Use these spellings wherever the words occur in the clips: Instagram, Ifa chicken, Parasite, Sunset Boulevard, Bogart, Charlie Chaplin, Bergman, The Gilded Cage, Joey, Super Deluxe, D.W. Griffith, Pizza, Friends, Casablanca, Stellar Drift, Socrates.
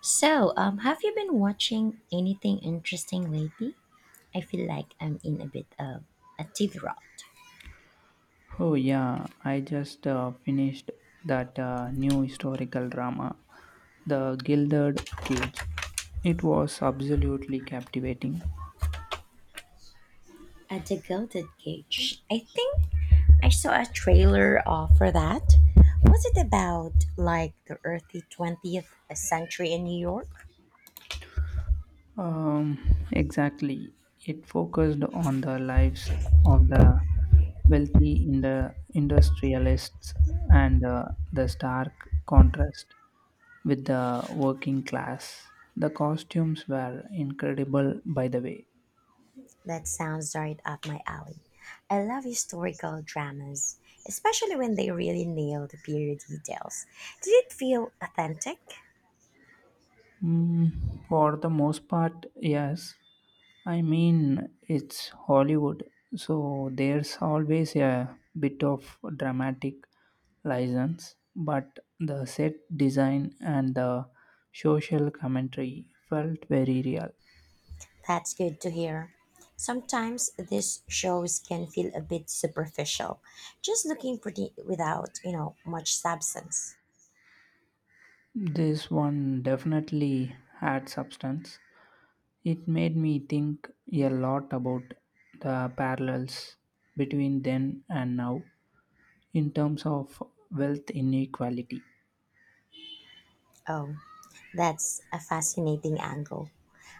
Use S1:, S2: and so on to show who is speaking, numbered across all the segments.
S1: Have you been watching anything interesting lately? I feel like I'm in a bit of a TV rut.
S2: Oh, yeah, I just finished that new historical drama, The Gilded Cage. It was absolutely captivating.
S1: At the Gilded Cage, I think I saw a trailer for that. Was it about like the earthy 20th century in New York?
S2: Um, exactly. It focused on the lives of the wealthy in the industrialists and the stark contrast with the working class. The costumes were incredible, by the way.
S1: That sounds right up my alley. I love historical dramas, especially when they really nail the period details. Did it feel authentic?
S2: Mm, for the most part, yes. I mean, it's Hollywood, so there's always a bit of dramatic license, but the set design and the social commentary felt very real.
S1: That's good to hear. Sometimes these shows can feel a bit superficial, just looking pretty without much substance.
S2: This one definitely had substance. It made me think a lot about the parallels between then and now in terms of wealth inequality.
S1: Oh, that's a fascinating angle.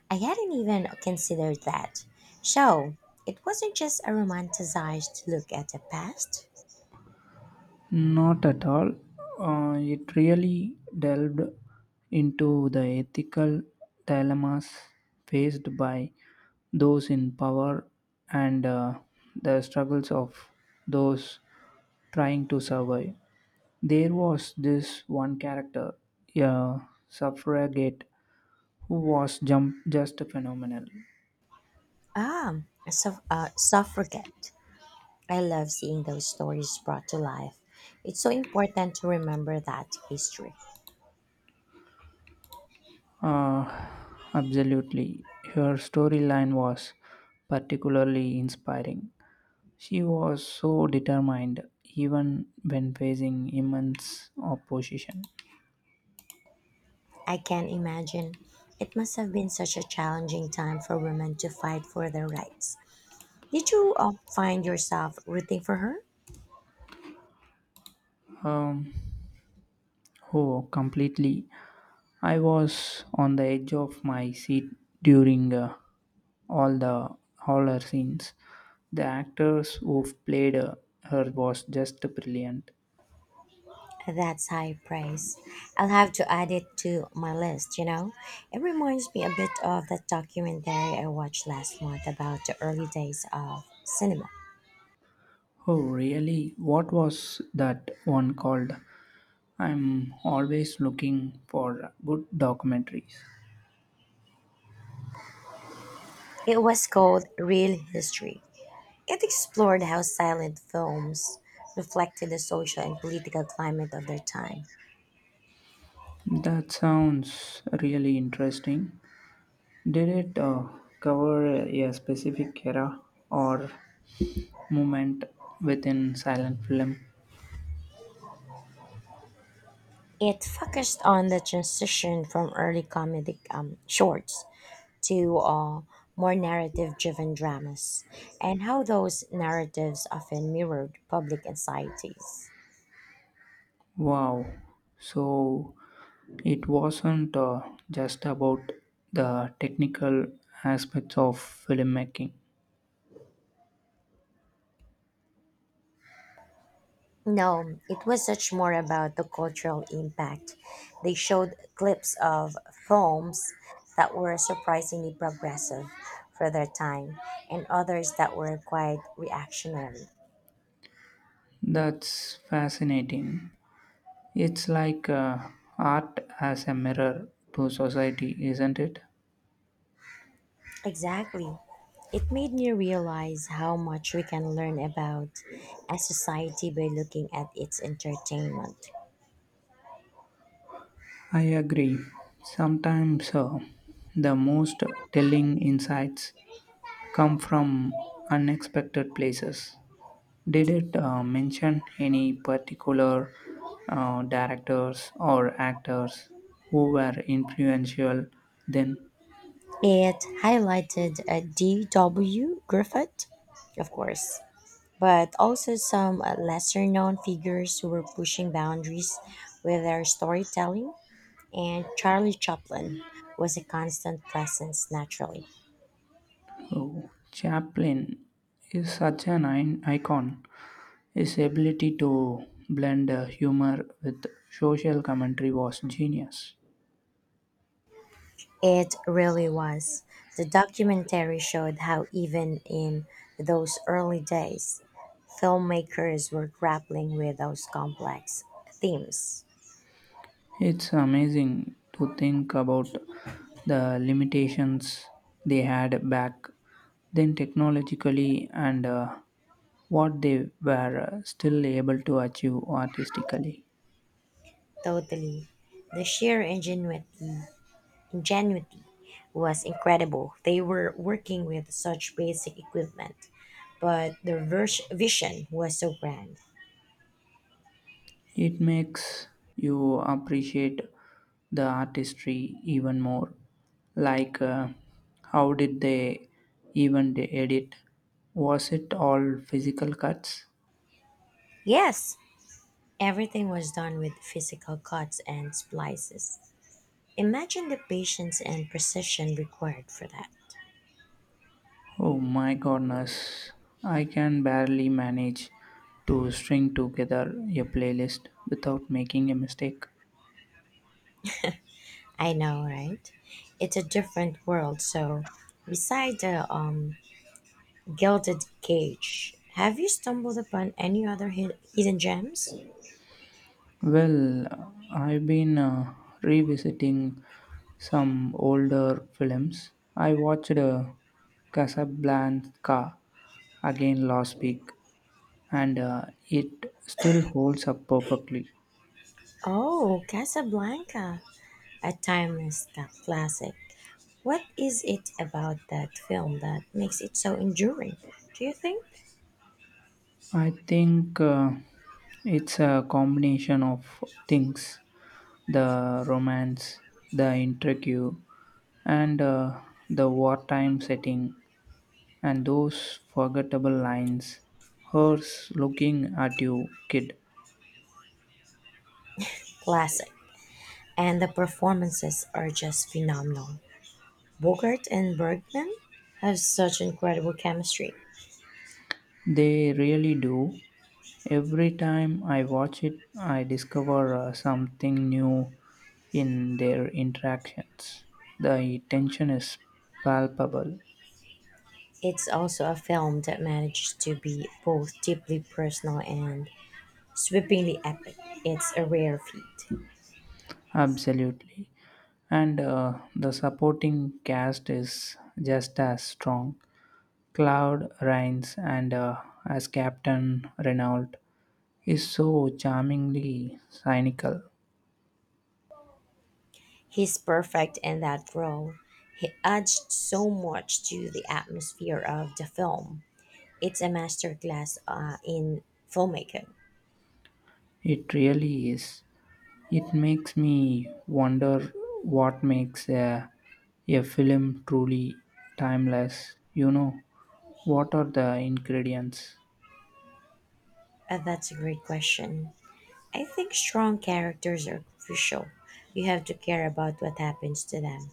S1: I hadn't even considered that. So, it wasn't just a romanticized look at the past.
S2: Not at all. It really delved into the ethical dilemmas faced by those in power and the struggles of those trying to survive. There was this one character, a suffragette, who was jump just phenomenal.
S1: Ah, suffragette. I love seeing those stories brought to life. It's so important to remember that history.
S2: Uh, Absolutely. Her storyline was particularly inspiring. She was so determined, even when facing immense opposition.
S1: I can imagine. It must have been such a challenging time for women to fight for their rights. Did you find yourself rooting for her?
S2: Um, oh, completely. I was on the edge of my seat during all the all her scenes. The actors who played her was just brilliant.
S1: That's high praise. I'll have to add it to my list? It reminds me a bit of that documentary I watched last month about the early days of cinema.
S2: Oh, really? What was that one called? I'm always looking for good documentaries.
S1: It was called Real History. It explored how silent films reflected the social and political climate of their time.
S2: That sounds really interesting. Did it cover a specific era or moment within silent film?
S1: It focused on the transition from early comedic shorts to more narrative driven dramas and how those narratives often mirrored public anxieties.
S2: Wow. So it wasn't just about the technical aspects of filmmaking.
S1: No, it was much more about the cultural impact. They showed clips of films that were surprisingly progressive for their time and others that were quite reactionary.
S2: That's fascinating. It's like art as a mirror to society, isn't it?
S1: Exactly. It made me realize how much we can learn about a society by looking at its entertainment.
S2: I agree. Sometimes the most telling insights come from unexpected places. Did it mention any particular directors or actors who were influential then?
S1: It highlighted D.W. Griffith, of course, but also some lesser known figures who were pushing boundaries with their storytelling, and Charlie Chaplin was a constant presence naturally.
S2: Oh, Chaplin is such an icon. His ability to blend humor with social commentary was genius.
S1: It really was. The documentary showed how, even in those early days, filmmakers were grappling with those complex themes.
S2: It's amazing to think about the limitations they had back then technologically and what they were still able to achieve artistically.
S1: Totally. The sheer ingenuity was incredible. They were working with such basic equipment, but their vision was so grand.
S2: It makes you appreciate the artistry even more. Like, how did they even edit? Was it all physical cuts?
S1: Yes, everything was done with physical cuts and splices. Imagine the patience and precision required for that.
S2: Oh my goodness, I can barely manage to string together a playlist without making a mistake.
S1: I know, right? It's a different world. So, beside the gilded cage, have you stumbled upon any other hidden gems?
S2: Well, I've been revisiting some older films. I watched Casablanca again last week, and it still holds up perfectly.
S1: Oh, Casablanca, a timeless classic. What is it about that film that makes it so enduring? Do you think?
S2: I think it's a combination of things: the romance, the intrigue, and the wartime setting, and those forgettable lines. Hers looking at you, kid.
S1: Classic. And the performances are just phenomenal. Bogart and Bergman have such incredible chemistry.
S2: They really do. Every time I watch it, I discover something new in their interactions. The tension is palpable.
S1: It's also a film that manages to be both deeply personal and sweepingly epic. It's a rare feat.
S2: Absolutely. And the supporting cast is just as strong. Cloud Rains and as Captain Renault is so charmingly cynical.
S1: He's perfect in that role. He adds so much to the atmosphere of the film. It's a masterclass in filmmaking.
S2: It really is. It makes me wonder what makes a film truly timeless. You know, what are the ingredients?
S1: That's a great question. I think strong characters are crucial. You have to care about what happens to them.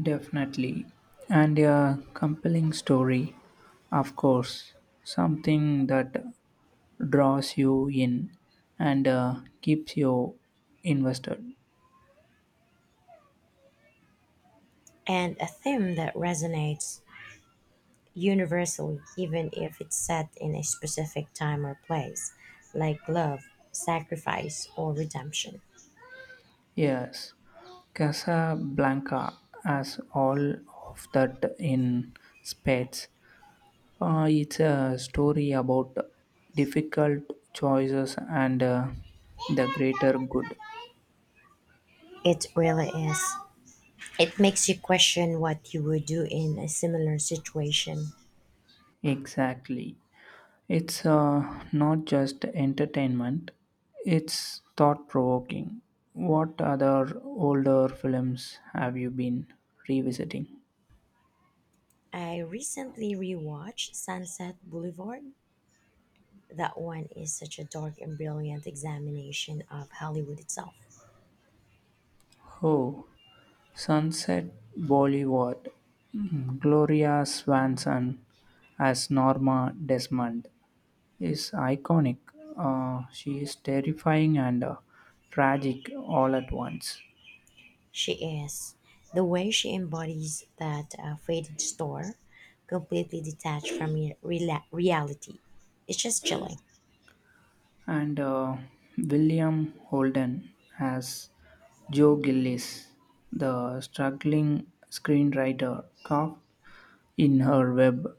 S2: Definitely. And a compelling story, of course, something that draws you in and keeps you invested.
S1: And a theme that resonates universally, even if it's set in a specific time or place, like love, sacrifice, or redemption.
S2: Yes, Casablanca has all of that in spades. It's a story about difficult choices and the greater good.
S1: It really is. It makes you question what you would do in a similar situation.
S2: Exactly. It's not just entertainment, it's thought provoking. What other older films have you been revisiting?
S1: I recently rewatched Sunset Boulevard. That one is such a dark and brilliant examination of Hollywood itself.
S2: Oh, Sunset Bollywood. Mm, Gloria Swanson as Norma Desmond is iconic. She is terrifying and tragic all at once.
S1: She is. The way she embodies that faded store, completely detached from reality, it's just chilling.
S2: And William Holden as Joe Gillis, the struggling screenwriter, caught in her web.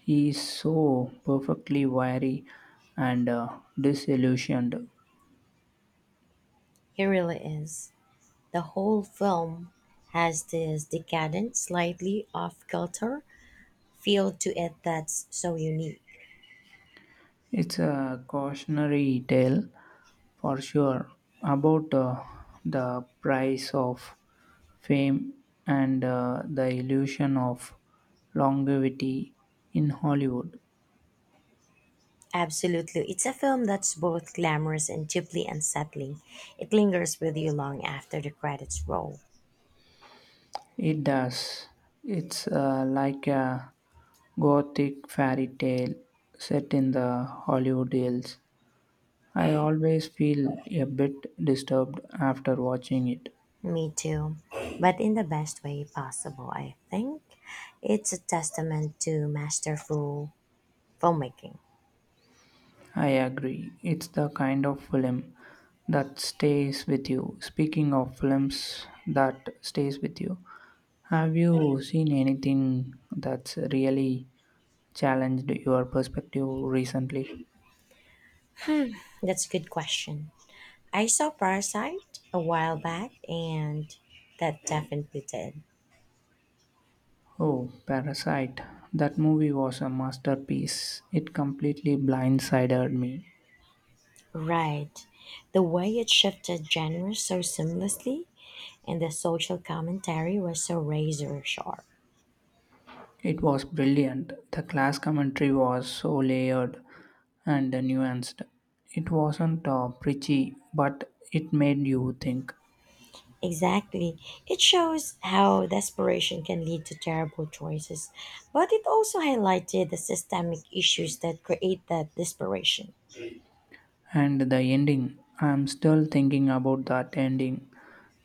S2: He is so perfectly wiry and disillusioned.
S1: It really is. The whole film has this decadent, slightly off kilter feel to it that's so unique.
S2: It's a cautionary tale for sure about the price of fame and the illusion of longevity in Hollywood.
S1: Absolutely. It's a film that's both glamorous and deeply unsettling. It lingers with you long after the credits roll.
S2: It does. It's like a gothic fairy tale set in the Hollywood Hills. I always feel a bit disturbed after watching it.
S1: Me too, but in the best way possible, I think. It's a testament to masterful filmmaking.
S2: I agree. It's the kind of film that stays with you. Speaking of films that stays with you, have you seen anything that's really challenged your perspective recently?
S1: That's a good question. I saw Parasite a while back, and that definitely did.
S2: Oh, Parasite. That movie was a masterpiece. It completely blindsided me.
S1: Right. The way it shifted genres so seamlessly, and the social commentary was so razor sharp.
S2: It was brilliant. The class commentary was so layered and nuanced. It wasn't preachy, but it made you think.
S1: Exactly. It shows how desperation can lead to terrible choices, but it also highlighted the systemic issues that create that desperation.
S2: And the ending, I'm still thinking about that ending.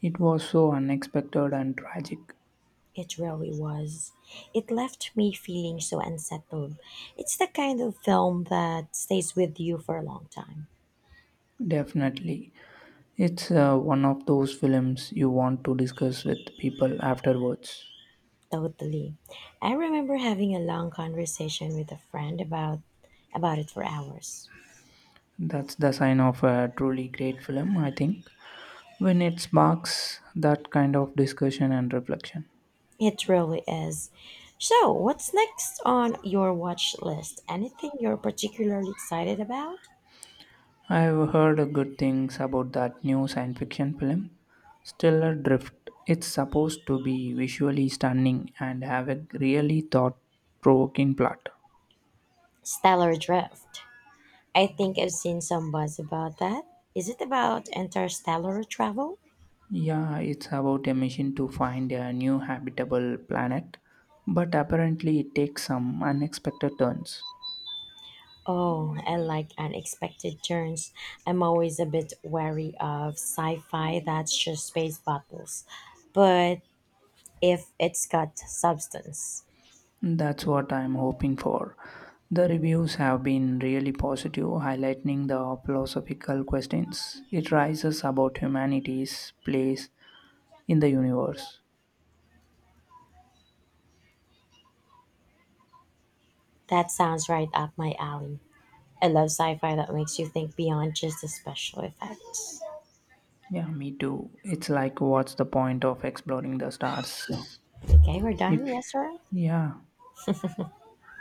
S2: It was so unexpected and tragic.
S1: It really was. It left me feeling so unsettled. It's the kind of film that stays with you for a long time.
S2: Definitely. It's one of those films you want to discuss with people afterwards.
S1: Totally. I remember having a long conversation with a friend about it for hours.
S2: That's the sign of a truly great film, I think, when it sparks that kind of discussion and reflection.
S1: It really is. So, what's next on your watch list? Anything you're particularly excited about?
S2: I've heard good things about that new science fiction film, Stellar Drift. It's supposed to be visually stunning and have a really thought provoking plot.
S1: Stellar Drift. I think I've seen some buzz about that. Is it about interstellar travel?
S2: Yeah, it's about a mission to find a new habitable planet, but apparently it takes some unexpected turns.
S1: Oh, I like unexpected turns. I'm always a bit wary of sci fi that's just space battles. But if it's got substance,
S2: That's what I'm hoping for. The reviews have been really positive, highlighting the philosophical questions it raises about humanity's place in the universe.
S1: that sounds right up my alley. I love sci-fi that makes you think beyond just the special effects.
S2: Yeah, me too. It's like, what's the point of exploring the stars?
S1: Okay, we're done.
S2: If,
S1: Yes, sir.
S2: yeah,